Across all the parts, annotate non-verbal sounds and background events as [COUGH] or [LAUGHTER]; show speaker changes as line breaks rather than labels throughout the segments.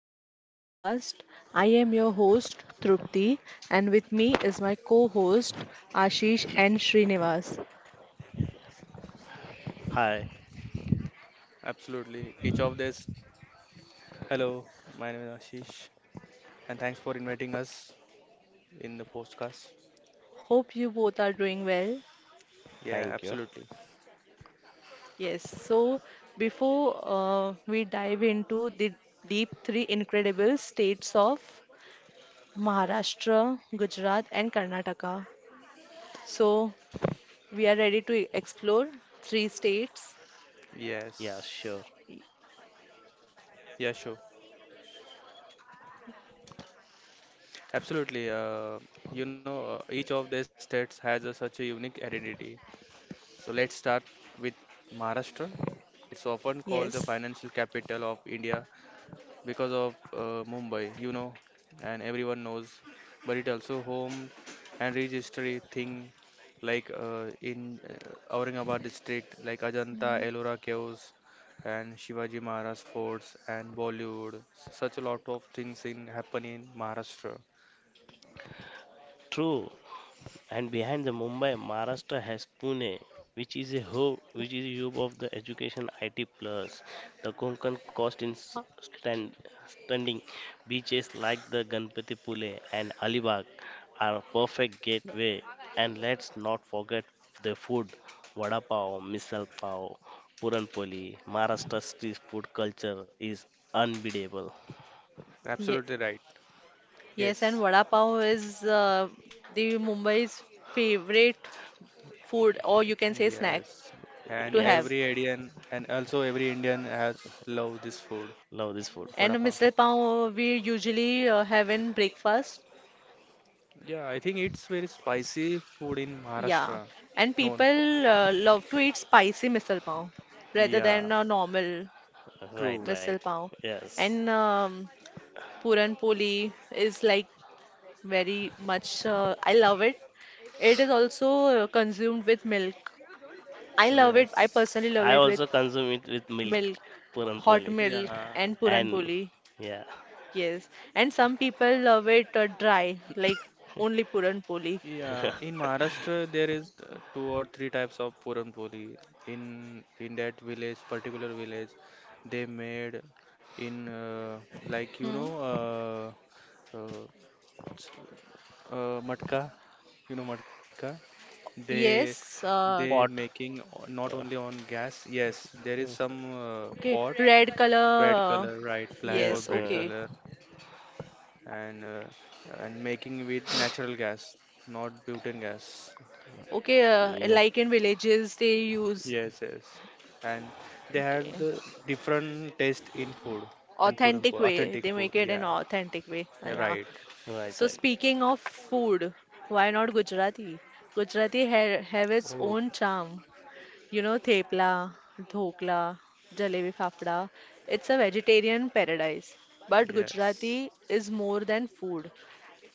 to my podcast. I am your host Trupti, and with me is my co-host Ashish and Srinivas.
Hi,
Absolutely. Each of this. Hello, my name is Ashish, and thanks for inviting us in the podcast.
Hope you both are doing well.
Yeah,
thank you.
absolutely.
Yes, so before we dive into the deep 3 incredible states of Maharashtra, Gujarat and Karnataka. So we are ready to explore 3 states.
Yeah, sure.
Yes. Yeah, sure. Absolutely. Each of these states has such a unique identity. So let's start with Maharashtra. It's often
Yes.
called the financial capital of India because of Mumbai, and everyone knows. But it also home and registry thing like in Aurangabad district, like Ajanta,
Mm.
Ellora caves, and Shivaji Maharaj forts and Bollywood. Such a lot of things in happen in Maharashtra.
True. And behind the Mumbai, Maharashtra has Pune, which is a hub of the education IT plus. The Konkan coast in standing beaches like the Ganpati Pule and Alibag are a perfect gateway. And let's not forget the food, vada pav, misal pav, puran poli. Maharashtra street food culture is unbeatable.
Yeah.
Absolutely right.
Yes, and
Yes.
vada pav is the Mumbai's favorite food, or you can say snack
Yes. And
to
Yes.
every
have.
Indian and also every Indian has love this food.
Love this food.
Vada
And
pav.
misal pav we usually have in breakfast.
Yeah, I think it's very spicy food in
Yeah,
Maharashtra,
and
known for.
people love to eat spicy misal pav rather than
Yeah,
a normal
Right,
true.
right.
misal pav.
Yes.
And Puran poli is like very much. I love it. It is also consumed with milk. I love it. I
Yes.
personally love
I
it with
also consume it with milk,
milk, hot
puranpoli.
milk,
Yeah.
and puran
And
poli.
yeah.
Yes, and some people love it dry, like only puran poli.
Yeah,
[LAUGHS]
in Maharashtra there is two or three types of Puran Poli. In that village, particular village, they made in like
Hmm.
matka, you know matka. They
Yes,
they
uh,
Pot.
making not only
Uh,
on gas. Yes, there is some
okay,
pot,
red
bread color,
color. Uh,
right, black or
yes.
yes,
bread
okay,
color, and and making with natural gas, not butane gas.
okay.
Yeah.
Like in villages, they use
Yes, yes. And they had
okay.
the different taste in food and
Authentic way, they
authentic
make
food.
it in
Yeah,
authentic way.
yeah,
Yeah.
right.
Right,
So
right.
speaking of food, why not Gujarati? Gujarati ha have its
Oh,
own charm. You know, thepla, dhokla, jalebi fafda. It's a vegetarian paradise. But Gujarati
yes.
is more than food.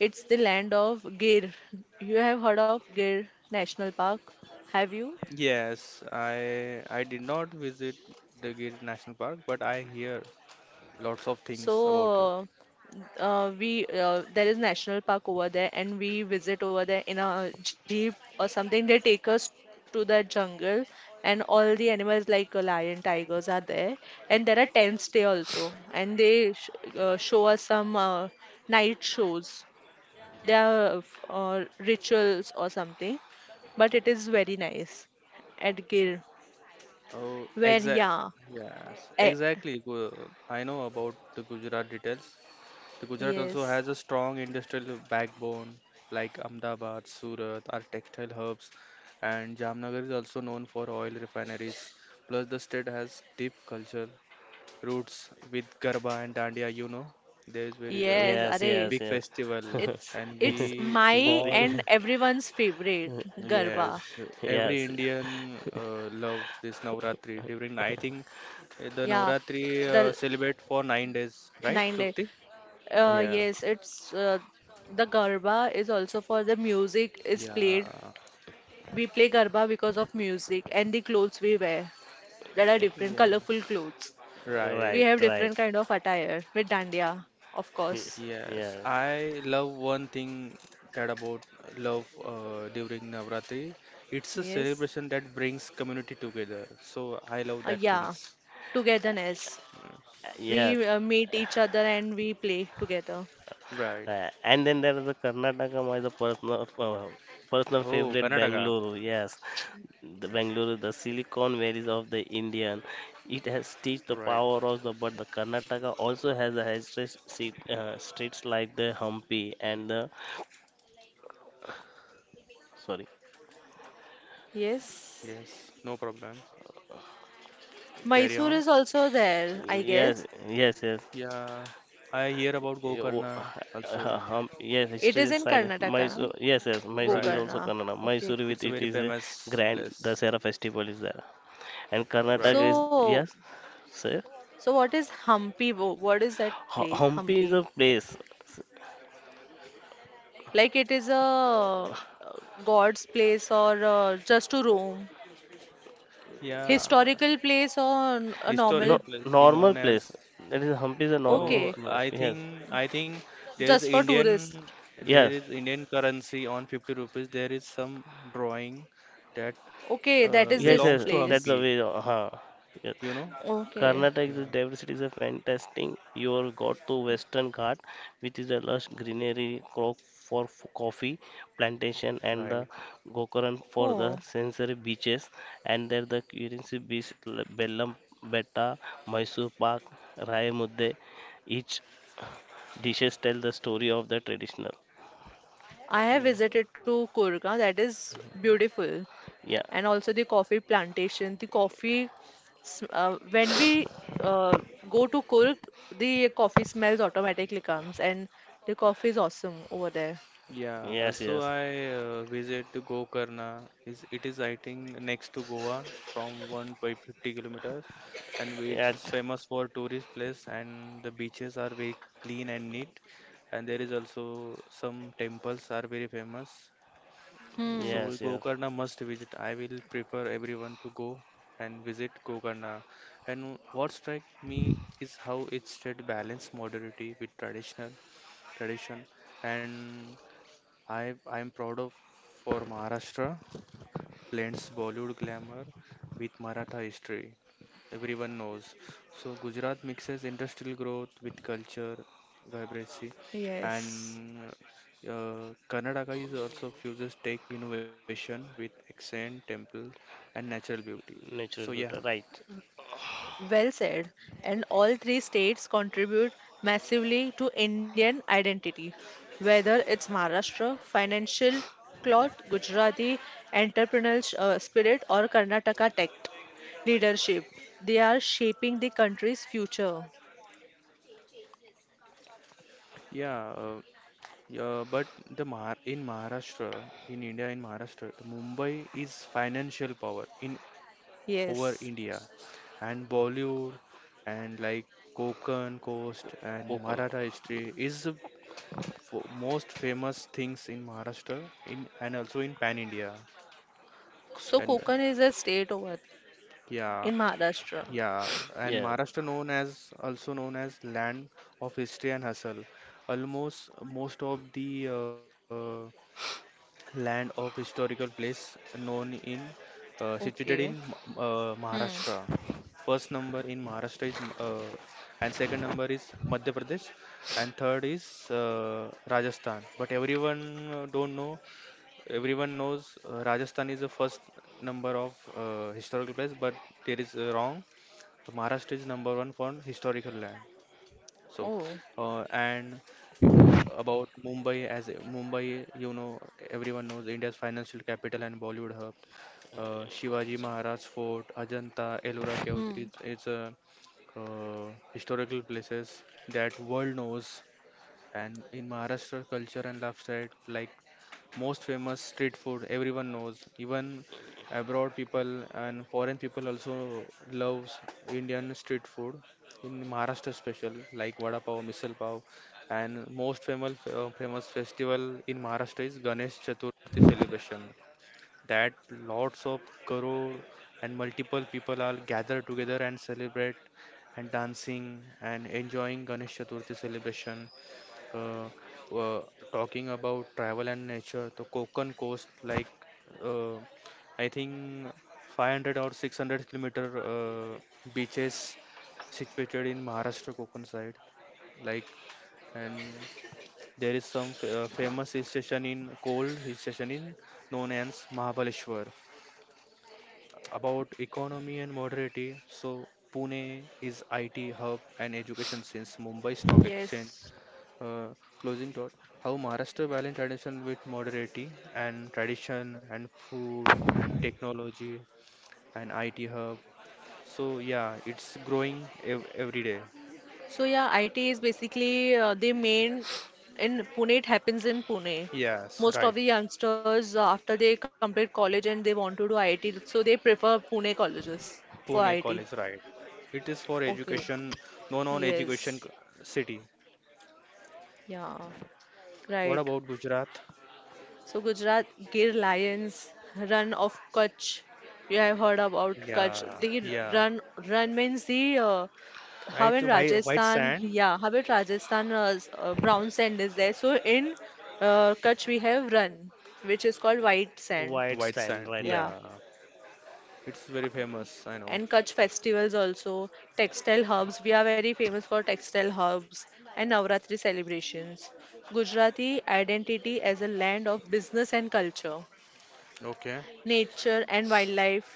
It's the land of Gir. You have heard of Gir National Park? Have you?
Yes, I did not visit the Gir National Park, but I hear lots of things about it.
So we there is national park over there, and we visit over there in a jeep or something. They take us to the jungle, and all the animals like a lion, tigers are there, and there are tents there also, and they sh show us some night shows. There are rituals or something, but it is very nice at Gir,
Oh,
where
exact.
yeah,
Yes,
eh,
exactly. I know about the Gujarat details. The Gujarat also
yes.
has a strong industrial backbone, like Ahmedabad, Surat are textile hubs, and Jamnagar is also known for oil refineries. Plus, the state has deep culture roots with Garba and Dandiya. There is very
Yes,
Yes,
अरे
yes,
big
yes.
festival
[LAUGHS]
It's
and
it's
we
It's a
my
big.
all,
and
[LAUGHS]
everyone's favorite
yes,
Garba.
every
Yes.
Indian loves this Navratri. During, I think the
Yeah,
Navratri
the
celebrate for 9 days, right,
9 day.
Trupti? Yeah,
Right,
Yes, it's The Garba is also for the music is played.
yeah,
We play Garba because of music and the clothes we wear. There are different colorful
yes,
clothes.
right.
We
right,
have
right.
different kind of attire with dandiya, of
[LAUGHS]
course.
Yeah.
Yes, I love one thing that about love during Navratri. It's a
Yes.
celebration that brings community together. So I love that
Yeah,
things.
togetherness.
Yes.
Yes.
We meet each other and we play together.
Right.
And then there is a Karnataka, my the personal personal
Oh,
favorite
Karnataka.
Bangalore. Yes, the Bangalore, is the Silicon Valley of the Indian. It has teach the
Right.
power of the, but the Karnataka also has a history streets like the Hampi and the sorry.
Yes.
Yes. No problem. Carry
Mysore
on.
is also there, I
Yes,
guess.
yes, yes.
Yeah. I hear about
Yeah,
Gokarna also.
Yes,
It is
history
in
side.
Karnataka, no?
Mysore. Yes, yes.
Right.
Mysore is
Gokarna.
also Kannada.
Okay.
It's a
Mysore
very
with it is a
famous
grand.
place.
The Dasera festival is there, and Karnataka
Right.
is,
So,
yes. Sir?
so what is Hampi? What is that place,
Hampi is
Hampi?
a place.
Like it is a
uh,
God's place or just to roam?
Yeah.
Historical place or a
No,
normal?
Historical place is
normal
known
place.
as.
That is Hampi is a normal
No,
Okay,
place.
I
Yes,
think I think there is
just for tourists.
Indian there
yes,
is Indian currency on 50 rupees. There is some drawing that
Okay, that is
yes,
this
yes.
belongs to
That's
place.
the
Hampi,
way. Huh. Yes.
you know?
Okay.
Yeah,
Karnataka's diversity is a fantastic. You have got to Western Ghat, which is a lush greenery crop for coffee plantation, and the
right.
Gokaran for the
Oh,
sensory beaches, and there the Currency Beach, Bellam Betta, Mysore Park, Rayamudde, each dishes tell the story of the traditional.
I
Yeah.
have visited to Kurga. That is beautiful.
Yeah.
And also the coffee plantation. The coffee, sm- uh, when we uh, go to Kurg, the coffee smells automatically comes, and the coffee is awesome over there.
Yeah,
Yes,
also
yes.
I visit to Gokarna. Is it is I think next to Goa from 150 kilometers, and which
Yeah.
is famous for tourist place and the beaches are very clean and neat. And there is also some temples are very famous.
Hmm.
So
Yes, yes.
Gokarna must visit. I will prefer everyone to go and visit Gokarna. And what strike me is how it state balance modernity with tradition and I'm proud of for Maharashtra blends Bollywood glamour with Maratha history. Everyone knows. So Gujarat mixes industrial growth with culture, vibrancy, and
Yes,
Karnataka is also fuses tech innovation with accent, temple, and natural beauty. So
Natural
yeah,
butter, right.
well said. And all three states contribute massively to Indian identity, whether it's Maharashtra, financial cloth, Gujarati entrepreneurial spirit, or Karnataka tech leadership. They are shaping the country's future.
yeah, uh, yeah. But the Mahar in Maharashtra, in India, in Maharashtra, the Mumbai is financial power in over
Yes.
India and Bollywood and like Konkan coast and
Kokon.
Maratha history is the most famous things in Maharashtra in and also in pan India
So
and
Konkan is a state over
yeah,
in Maharashtra.
yeah, and
Yeah.
Maharashtra known as also known as land of history and hustle, almost most of the uh, land of historical place known in
Okay.
situated in
Hmm.
Maharashtra. First number in Maharashtra is and second number is Madhya Pradesh and third is Rajasthan. But everyone don't know. Everyone knows Rajasthan is the first number of historical place, but there is wrong. The Maharashtra is number one for historical land. So,
Oh.
and uh, about Mumbai, Mumbai, everyone knows India's financial capital and Bollywood hub. Shivaji Maharaj Fort, Ajanta, Ellora Caves,
Hmm.
it's a historical places that world knows and in Maharashtra culture and lifestyle like most famous street food everyone knows. Even abroad people and foreign people also loves Indian street food. In Maharashtra special like vada pav, misal pav, and most famous festival in Maharashtra is Ganesh Chaturthi celebration. That lots of crore and multiple people are gathered together and celebrate and dancing and enjoying Ganesh Chaturthi celebration, uh, uh, talking about travel and nature, the Konkan coast, like uh, I think 500 or 600 kilometer beaches situated in Maharashtra Konkan side, like, and there is some famous hill station in cold hill station in known as Mahabaleshwar. About economy and modernity, so Pune is IT hub and education since Mumbai Stock Exchange.
Yes.
uh, Closing thought, how Maharashtra balance tradition with modernity and tradition and food and technology and IT hub. So yeah, it's growing ev every day.
So yeah, IT is basically the main in Pune. It happens in Pune.
Yes,
Most of the
right.
youngsters after they complete college and they want to do IT, so they prefer Pune colleges for
Pune
IT.
College, right? It is for
Okay.
education, no
Yes.
non-education city.
Yeah.
What
Right.
about Gujarat?
So Gujarat Gir Lions run of Kutch. You have heard about Kutch.
Yeah,
The
yeah.
run run means the how
Right?
in
White, white
Rajasthan,
sand,
yeah, how in Rajasthan brown sand is there. So in Kutch we have run, which is called white sand.
White
white
stand,
sand.
right, right.
Yeah,
Yeah, it's very famous. I know.
and Kutch festivals also, textile hubs. We are very famous for textile hubs and Navratri celebrations. Gujarati identity as a land of business and culture.
Okay.
Nature and wildlife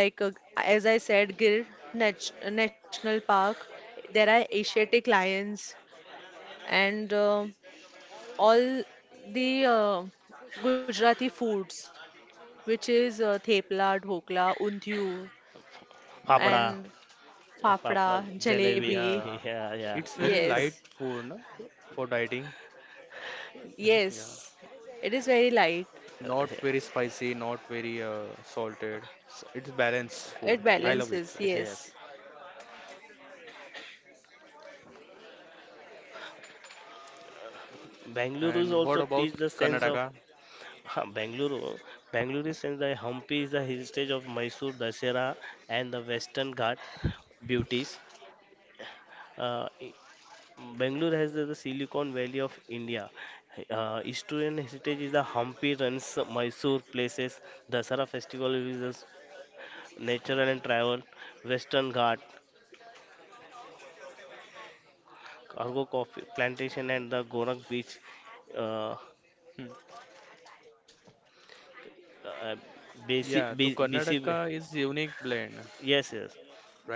like as I said Gir national park, there are asiatic lions and all the gujarati foods, which is thepla, dhokla, undhiyu
Yeah.
Papada.
and fafda,
Papada, jalebi. [LAUGHS]
jalebi.
Yeah.
Yeah, yeah.
It's very
Yes,
[LAUGHS]
light food, no? For dieting. Yeah.
yes, it is very light.
Not
Yeah.
very spicy, not very salted.
So,
It's balanced food.
It
I
yes,
love it.
balances,
yes, yes.
yes,
Bangalore is
And what
also
about
teach the sense of.
Karnataka?
[LAUGHS] Bangalore. Bangalore is sense that Hampi is the heritage of Mysore, Dasera, and the Western Ghat beauties. Uh, Bangalore has the Silicon Valley of India. Historian heritage is the Hampi runs Mysore places, Dasara festival is the natural and travel, Western Ghat, cargo coffee plantation and the Gorak beach. Uh,
Hmm.
uh,
Yeah, so
BC, BC,
Karnataka is unique blend,
yes, yes,
right?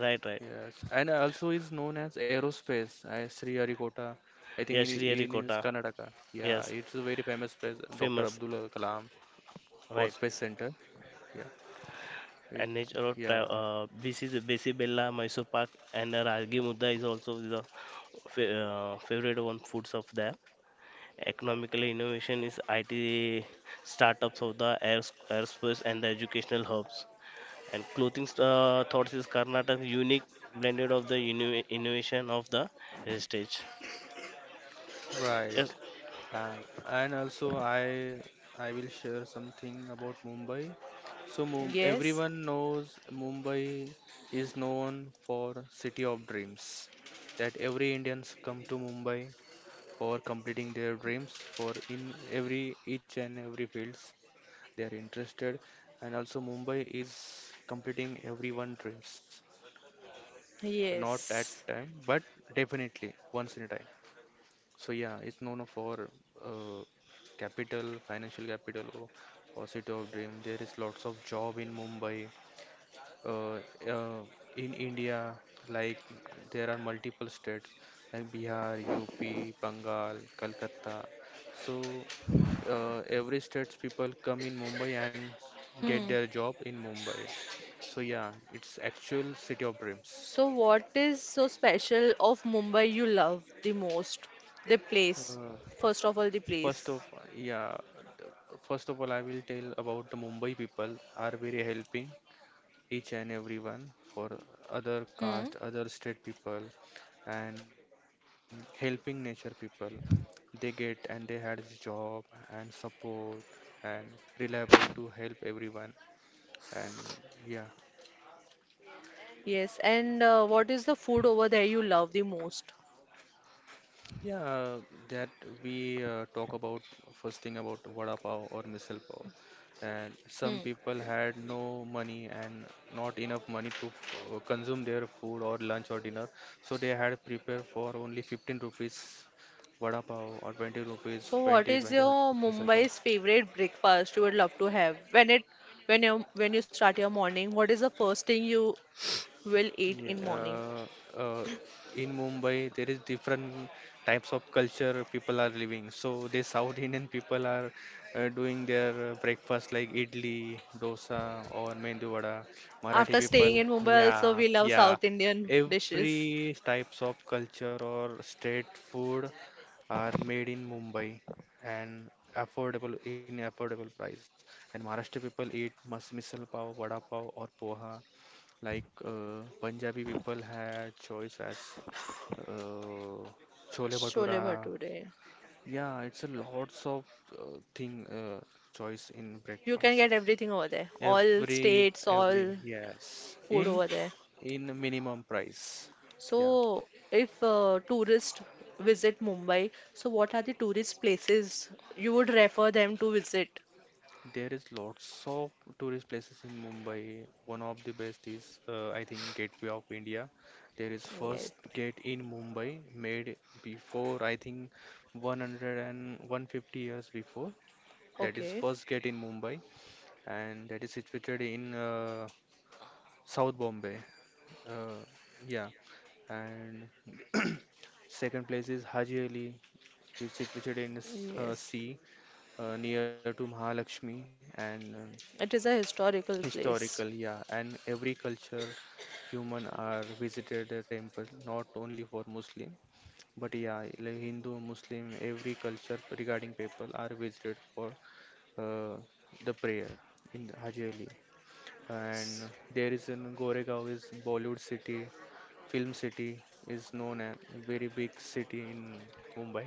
right, right.
Yes, and also is known as aerospace, as Sri Harikota. I think in
Yes, Sri
in is
Harikota,
Karnataka. Yeah,
yes,
it's a very famous place, Dr.
famous,
Abdul Kalam for
right.
Space Center. Yeah,
And
it's
nature of
yeah,
BC, the BC Bella, Mysore Park, and Rajgi Mudda is also the fa- favorite one foods of them. Economically, innovation is IT startups of the airspace and the educational hubs. And clothing, thoughts is Karnataka unique blended of the innovation of the heritage.
right.
Yes.
And and also I will share something about Mumbai. So Mum
yes,
everyone knows Mumbai is known for City of Dreams. That every Indians come to Mumbai for completing their dreams for in every each and every fields they are interested, and also Mumbai is completing everyone dreams, not at
yes.
time but definitely once in a time. So yeah, it's known for uh, capital financial capital, or city of dream. There is lots of job in Mumbai uh, uh, in India, like there are multiple states like Bihar, UP, Bengal, Calcutta. So every state's people come in Mumbai and get
Hmm.
their job in Mumbai. So yeah, it's actual city of dreams. So,
So, what is so special of Mumbai you love the most? The place.
Uh,
First of all, the
First
place.
of yeah, first of all, I will tell about the Mumbai people are very helping each and everyone for other caste,
Hmm.
other state people, and helping nature people. They get and they had this job and support and reliable to help everyone. And yeah,
Yes. And what is the food over there you love the most?
yeah, that we talk about first thing about vada pav or misal pav. And some
Hmm.
people had no money and not enough money to consume their food or lunch or dinner. So they had prepared for only 15 rupees vada pav or 20 rupees,
So, what
20,
is
20
your
rupees misal
Mumbai's
pav.
favorite breakfast you would love to have? When it when you start your morning, what is the first thing you will eat
Yeah,
in morning?
uh, in Mumbai there is different types of culture people are living. So the South Indian people are doing their breakfast like idli, dosa, or mendu vada. Marathi
After
people,
staying in Mumbai, also
yeah,
we love
yeah.
South Indian dishes.
Every types of culture or state food are made in Mumbai and affordable in affordable price. And Maharashtra people eat mas misal pav, vada pav, or poha. Like Punjabi people had choice as uh, chole
Chole
bhatura.
bhature.
Yeah, it's a lots of thing choice in
You
breakfast.
can get everything over there. All
Every
states,
every
all
yes,
food
in
over there.
in minimum price. Yeah.
So, if tourists visit Mumbai, so what are the tourist places you would refer them to visit?
There is lots of tourist places in Mumbai. One of the best is, I think, Gateway of India. There is
Yes.
first gate in Mumbai made before, I think, 100 and 150 years before. That is
Okay.
first gate in Mumbai, and that is situated in South Bombay. Uh, yeah, and [CLEARS THROAT] second place is Haji Ali. It's situated in
Yes.
sea near to Mahalakshmi and
It is a historical place.
historical, yeah, and every culture human are visited the temple not only for Muslim but yeah, like Hindu, Muslim, every culture regarding people are visited for uh, the prayer in the Haji Ali.
S-
And there is in Goregaon is Bollywood city, film city is known as very big city in Mumbai.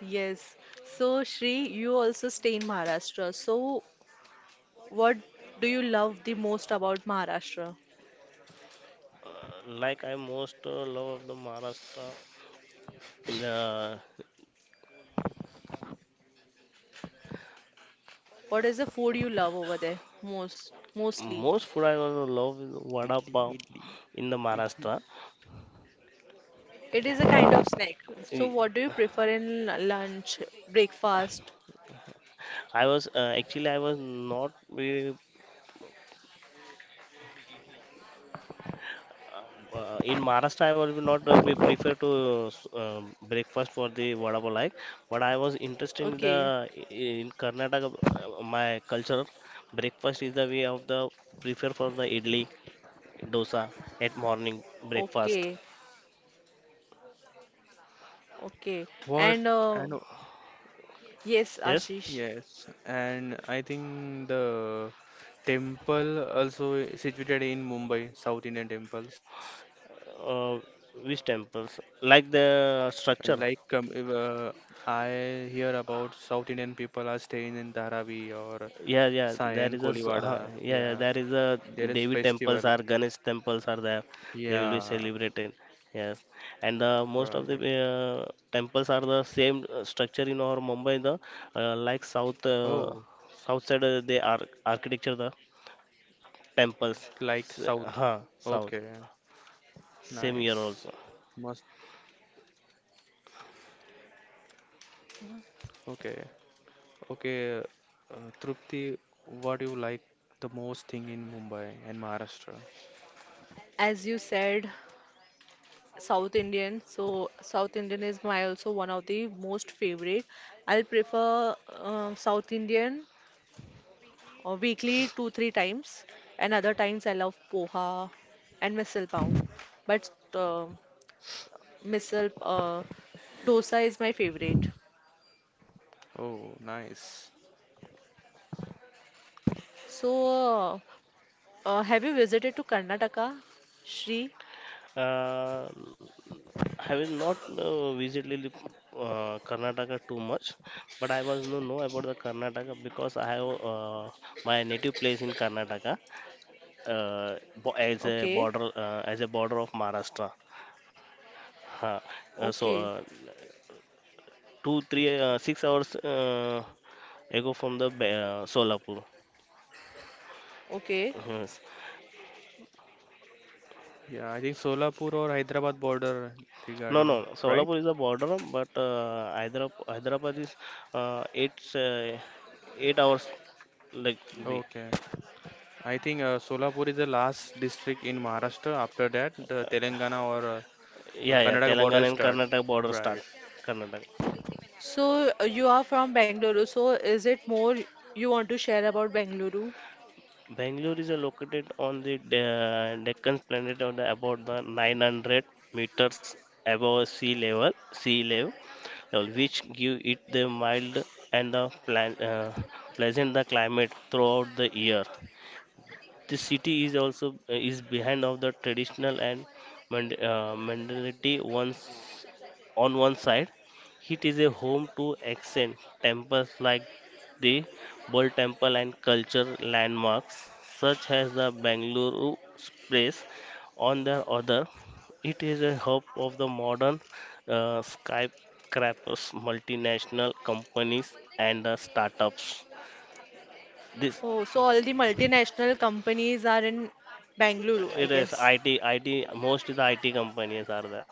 Yes. So, Shri, you also stay in Maharashtra. So, what do you love the most about Maharashtra?
uh, like I most, love of the Maharashtra. In the
What is the food you love over there most, mostly?
most food I also love is vada
Italy,
pav
Italy,
in the
Italy.
Maharashtra.
It is a kind of snack. So, what do you prefer in lunch, breakfast?
I was, actually I was not very, in Maharashtra, I will not, be prefer to, breakfast for the vada pav like, but I was interested in
Okay,
the in Karnataka. My culture breakfast is the way of the prefer for the idli, dosa at morning breakfast.
okay, okay.
What?
And
And
yes,
Yes,
Ashish,
yes, and I think the temple also situated in Mumbai, South Indian temples.
uh, which temples like the structure?
Like, if, I hear about South Indian people are staying in Dharavi or
Yeah, yeah,
Sai
there
and
is a
Kolivada.
yeah, yeah,
Yeah,
there is a
there is
Devi temples
festival.
are Ganesh temples are there. They will be
Yeah,
celebrated. Yes, and the most of the,
right.
temples are the same, structure in our Mumbai. The, like south
Oh,
uh, south side, they are architecture the temples.
like South.
South
Okay,
same year
nice.
also.
Must. Okay. Okay, Trupti, what do you like the most thing in Mumbai and Maharashtra?
as you said, South Indian. So South Indian is my also one of the most favorite. I'll prefer South Indian weekly 2 3 times, and other times I love poha and misal pav. But uh, misal dosa is my favorite.
Oh, nice.
So uh, have you visited to Karnataka, Shri?
Uh, I will not, visit Karnataka too much, but I was no know about the Karnataka because I have, my native place in Karnataka, as a
Okay.
border uh, as a border of Maharashtra. Huh. So
Okay.
two three, 6 hours ago from the Solapur.
Okay.
Yes.
Yeah, I think Solapur or Hyderabad border
No,
regarding,
no,
right?
Solapur is a border, but Hyderabad is, uh, eight uh, eight hours like be.
Okay. I think Solapur is the last district in Maharashtra. After that, the Telangana or
Yeah, yeah,
Karnataka border
Telangana and
start.
Karnataka border start.
Right.
Karnataka.
So you are from Bangalore. So is it more you want to share about Bangalore?
Bangalore is located on the Deccan Plateau, about the 900 meters above sea level, which give it the mild and the pleasant the climate throughout the year. The city is also, is behind of the traditional and mentality once. On one side, it is a home to ancient temples like the Bull Temple and culture landmarks such as the Bangalore Place. On the other, it is a hub of the modern, skyscrapers, multinational companies, and the startups. This
Oh, so all the multinational companies are in Bangalore, I
it is
guess.
IT, IT, most of the IT companies are there.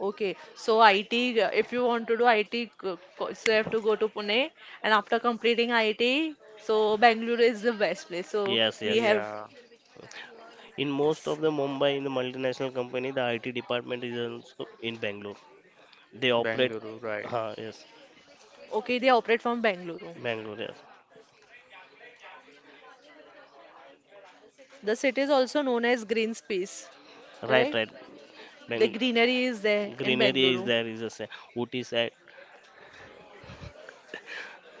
Okay. So IT, if you want to do IT, so you have to go to Pune, and after completing IT, so Bangalore is the best place. So
Yes,
we
yes.
have,
Yeah.
In
yes.
most of the Mumbai, in the multinational company, the IT department is also in Bangalore. They operate,
Bangalore, right.
yes,
Okay, they operate from Bangalore.
Bangalore, yes.
The city is also known as Green Space, correct?
Right, right.
The
Bangalore.
greenery is there in
Green area is
Bangalore.
there, is a Ooty side,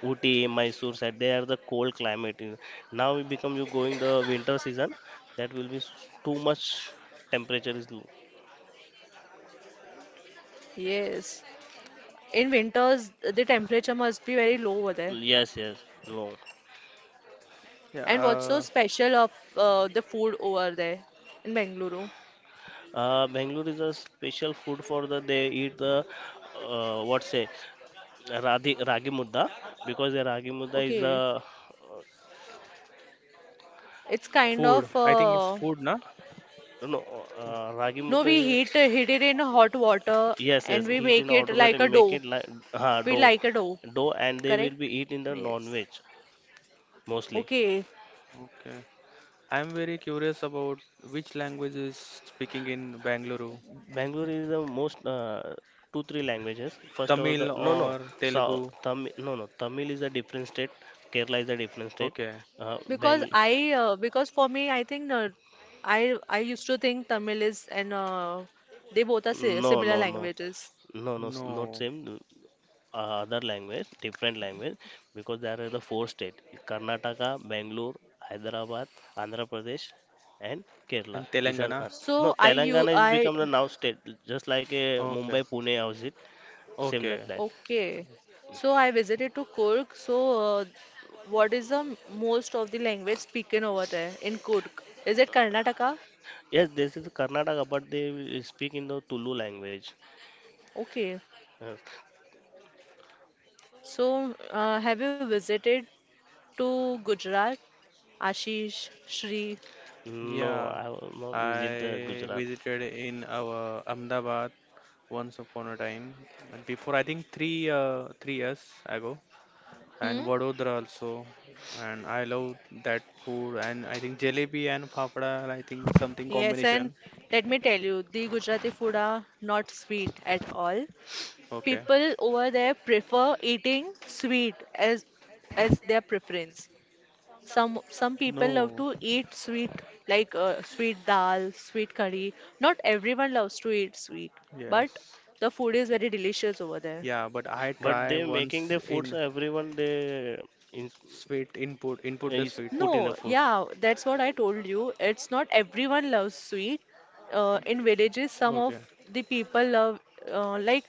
Ooty, Mysore side. They are the cold climate. Now we become you going the winter season. That will be too much temperature is low.
Yes. In winters, the temperature must be very low over there.
Yes, yes, low.
Yeah.
And what's so special of the food over there in Bengaluru?
Bangalore is a special food for the they eat the, what say Radhi, ragi mudda because the ragi mudda is
Okay,
a,
it's kind
Food.
of
I think it's food, na?
no ragi
no,
mudda
we
is,
heat it in hot water
yes, yes,
and we
heat in
make it
autobate
like a
and make
dough.
it like, uh,
We
dough
like a dough,
dough and they will
correct?
be eat in the
Yes.
non-veg mostly.
Okay,
Okay. I'm very curious about which language is speaking in Bangalore.
Bangalore is the most, two three languages first over
Tamil
the, no, no.
or
So
Telugu?
Tamil, no, no, Tamil is a different state. Kerala is a different state.
Okay.
because
Bangalore.
I because for me, I think I used to think Tamil is and they both are si
No,
similar
no. No,
languages.
no, no. Not
No.
same. Other language, different language, because there are the four states: Karnataka, Bangalore, Hyderabad, Andhra Pradesh, and Kerala.
And
These are,
Telangana?
no,
So I you
Telangana is
I
become the now state, just like a
Okay.
Mumbai, Pune house it, same
Okay.
like that.
Okay. So I visited to Kurg. So what is the most of the language spoken over there in Kurg? Is it Karnataka?
Yes, this is Karnataka, but they speak in the Tulu language.
Okay.
Uh,
So have you visited to Gujarat, Ashish, Shri?
no,
Yeah.
I will not visit the
I
Gujarat.
visited in our Ahmedabad once upon a time. And before I think three years ago.
Hmm?
And Vadodara also. And I love that food. And I think jalebi and fafda, I think something
Yes, and
combination.
let me tell you, the Gujarati food are not sweet at all.
Okay.
People over there prefer eating sweet as their preference. Some people love to
No.
eat sweet like sweet dal, sweet curry. Not everyone loves to eat sweet, but
Yes.
the food is very delicious over there.
Yeah, but I
But
try
they making
once
the foods.
in
Everyone they is,
sweet input the
is
sweet.
put in the
No,
food.
yeah, that's what I told you. It's not everyone loves sweet. In villages, some of
Okay.
the people love uh, like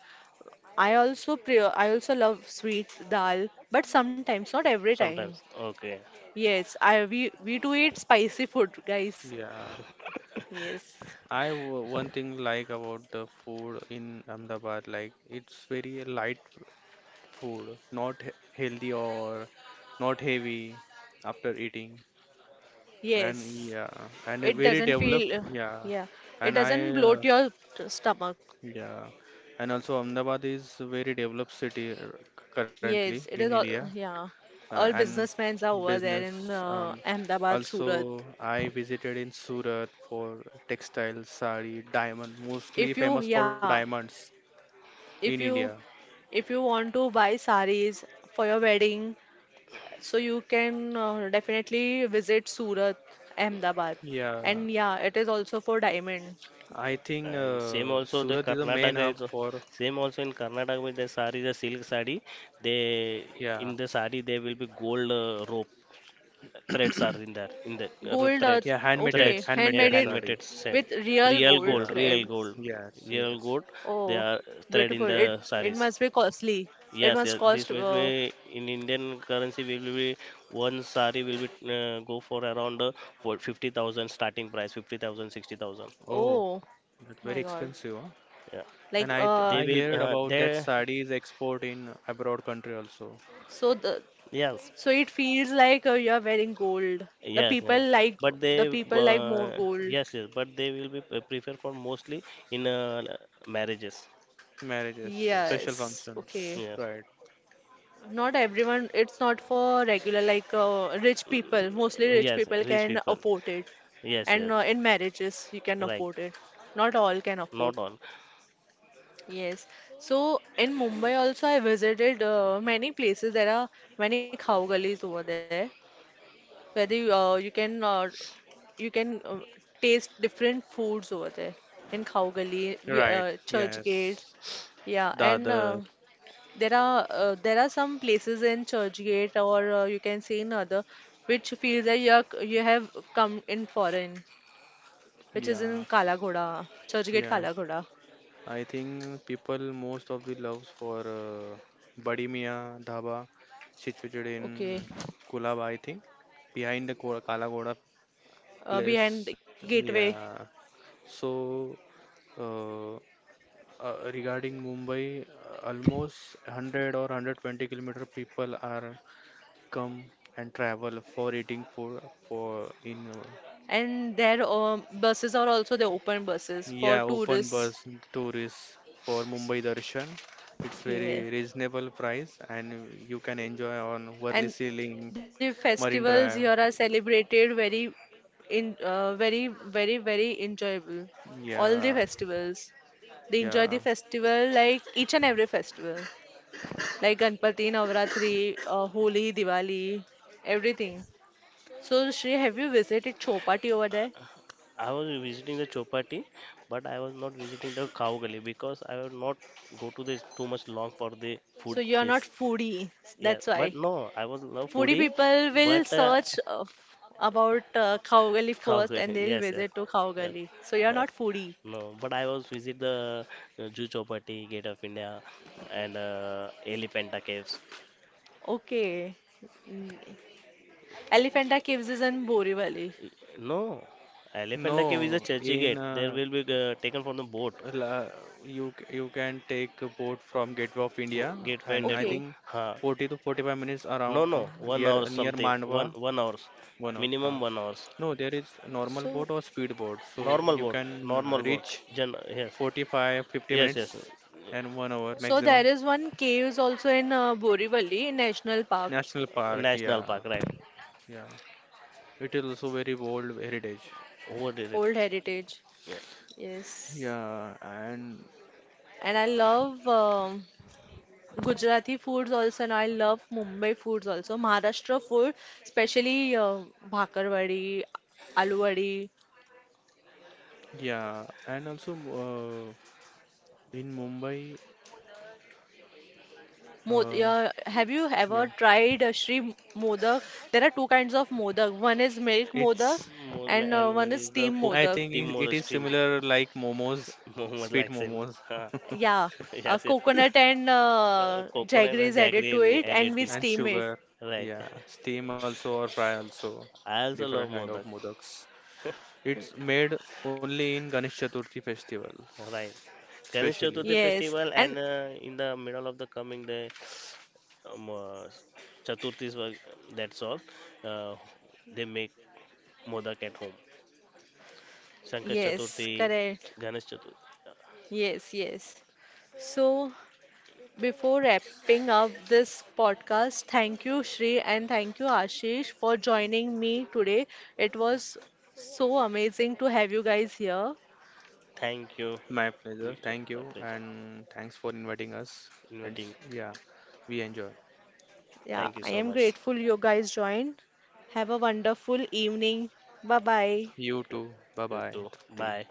I also pre I also love sweet dal, but sometimes, not every time.
Sometimes. Okay.
Yes, I we do eat spicy food, guys.
Yeah.
Yes,
One thing like about the food in Ahmedabad, like it's very light food, not healthy or not heavy after eating. And
yes.
yeah, and a
It
very
doesn't
developed,
feel,
yeah.
yeah, it
And I,
doesn't bloat your stomach.
yeah, and also Ahmedabad is a very developed city currently
Yes,
in
it is all,
India,
yeah. All
and
businessmen are over there in
business.
Ahmedabad,
Also,
Surat.
I visited in Surat for textiles, sari, diamond, mostly
If you,
famous for
yeah,
diamonds in
if
India.
you, if you want to buy sarees for your wedding, so you can definitely visit Surat, Ahmedabad.
Yeah,
And yeah, it is also for diamond.
I think
And same also the
Surat is the
Karnataka
main
is
hub for
same also in Karnataka with the sari, the silk sari. They in
yeah,
the sari there will be gold, rope threads are in there in the,
Gold,
yeah,
threads
handmade
okay,
threads
handmade
handmade
yeah,
it
sari.
handmade
with
said
real
real
gold
Yeah,
gold
thread.
real gold
yes,
real
yes.
gold they
Oh,
are thread in
beautiful.
the
It
saris.
must be costly. It
Yes, yes.
must
This
cost
will be in Indian currency will be one sari will be, go for around, for 50,000 starting price 50,000, 60,000.
Oh,
oh
that's very
my God.
expensive, huh?
Yeah. Yeah.
Like
And I th
They
I
will,
heard about that
they
sari is export in abroad country also.
so the
yes.
so it feels like you are wearing gold. The
Yes, yeah.
people like
But they,
the people like more
uh,
gold.
yes, yes, but they will be prefer for mostly in, marriages.
Marriages,
Yes.
special
Yes. Okay.
functions,
Yes.
right?
Not everyone, it's not for regular like rich people. Mostly rich
Yes,
people
rich
can
people.
afford it.
Yes,
And
yes.
in marriages you can
Right.
afford it. Not all can
Not
afford.
all.
Yes. So in Mumbai also I visited many places. There are many khao gullies over there where they, you can taste different foods over there in khao gully, we,
Right,
church.
yes.
Yeah, and
Dadar,
there are some places in Churchgate, or you can say in other, which feels that you are, you have come in foreign, which is
yeah,
in Kala Ghoda, Churchgate Kala
yes.
Ghoda.
I think people most of the loves for Badi Mian Dhaba situated in
Okay,
Kulaba, I think, behind the Kala Ghoda place.
behind gateway.
Yeah. So uh, regarding Mumbai, almost 100 or 120-kilometer people are come and travel for eating food for in
And their buses are also the open buses for
yeah, open bus
tourists.
tourists for Mumbai Darshan. It's very
Yes.
reasonable price and you can enjoy on Worli
And
Ceiling,
the
Marine Drive.
festivals here are celebrated very in very very very enjoyable. All the
Yeah,
festivals. They enjoy
yeah.
the festival like each and every festival. Like Ganpati, Navratri, Holi, Diwali, everything. So Shri, have you visited Chopati over there?
I was visiting the Chopati, but I was not visiting the Cow Gully because I will not go to this too much long for the food
So you are not
place.
foodie,
Yeah,
that's
but
why.
no, I was no
Foodie
foodie,
people will
but
search about Khawgali
[LAUGHS] Cow
first and
Gully,
they'll
yes, yes.
visit to
Yes.
Khawgali. So you're
Yes.
not foodie.
No, but I was visit the, Juhu Chowpatty, Gate of India, and Elephanta Caves.
Okay. Mm. Elephanta Caves is in Borivali.
E- No, Elephanta Cave is a
No,
churchy
in
gate. There will be, taken from the boat.
la- you can take a boat from Gateway of India,
Gate
and
went there
I
to,
Okay.
think
huh?
40 to 45 minutes
No, no,
around near
1 hour
near
something,
Mandwa,
one hours,
1 hour. Huh.
minimum 1 hours.
No, there is normal
So
boat or speed boat, so
Normal
you
boat,
can
normal boat.
reach
Gen Yes,
45 50
yes,
minutes
yes.
and 1 hour
so
maximum.
there is one caves also in Borivali National Park,
National Park,
National
yeah,
park, right?
yeah. It is also very old heritage.
What is it?
Old Heritage.
Yeah.
Yes.
Yeah, and
And I love Gujarati foods also, and I love Mumbai foods also. Maharashtra food, especially bhakarwadi, aloo vadi,
yeah, and also uh, in Mumbai.
Mod
Uh,
have you
yeah,
ever tried Shri Modak? There are 2 kinds of Modak. One is milk Modak
it's.
and
And
one
one
is
is the
steam
cook
I
Modak.
think
team or
it
the
is
stream.
similar like momos,
[LAUGHS] Mohammed
sweet
likes him. [LAUGHS]
momos,
Ha,
[LAUGHS]
Yeah,
yes, yes.
coconut and
Coconut
jaggery
and
is added to
jaggery
it
added
and we
it.
steam
and
it.
sugar.
Right.
Yeah, steam also or fry also,
[LAUGHS] I also love
different kind
Modak.
of modaks. It's made only in Ganesh Chaturthi festival,
Right. Ganesh
especially.
Chaturthi
Yes,
festival
and
and, in the middle of the coming day, um, uh, Chaturthi, that's all. Uh, they make modak at home. Shankar Chaturthi,
yes, correct.
Ganesh Chaturthi.
Yes, yes. So, before wrapping up this podcast, thank you, Shri, and thank you, Ashish, for joining me today. It was so amazing to have you guys here.
Thank you,
My pleasure.
Mijo.
Thank
My
you.
pleasure.
And thanks for inviting us. And
Inviting.
yeah, we enjoy.
Yeah,
Thank you
I
so
am
much.
grateful you guys joined. Have a wonderful evening. Bye bye.
You
Yep.
too. Bye
You
bye,
too.
Trupti.
Bye.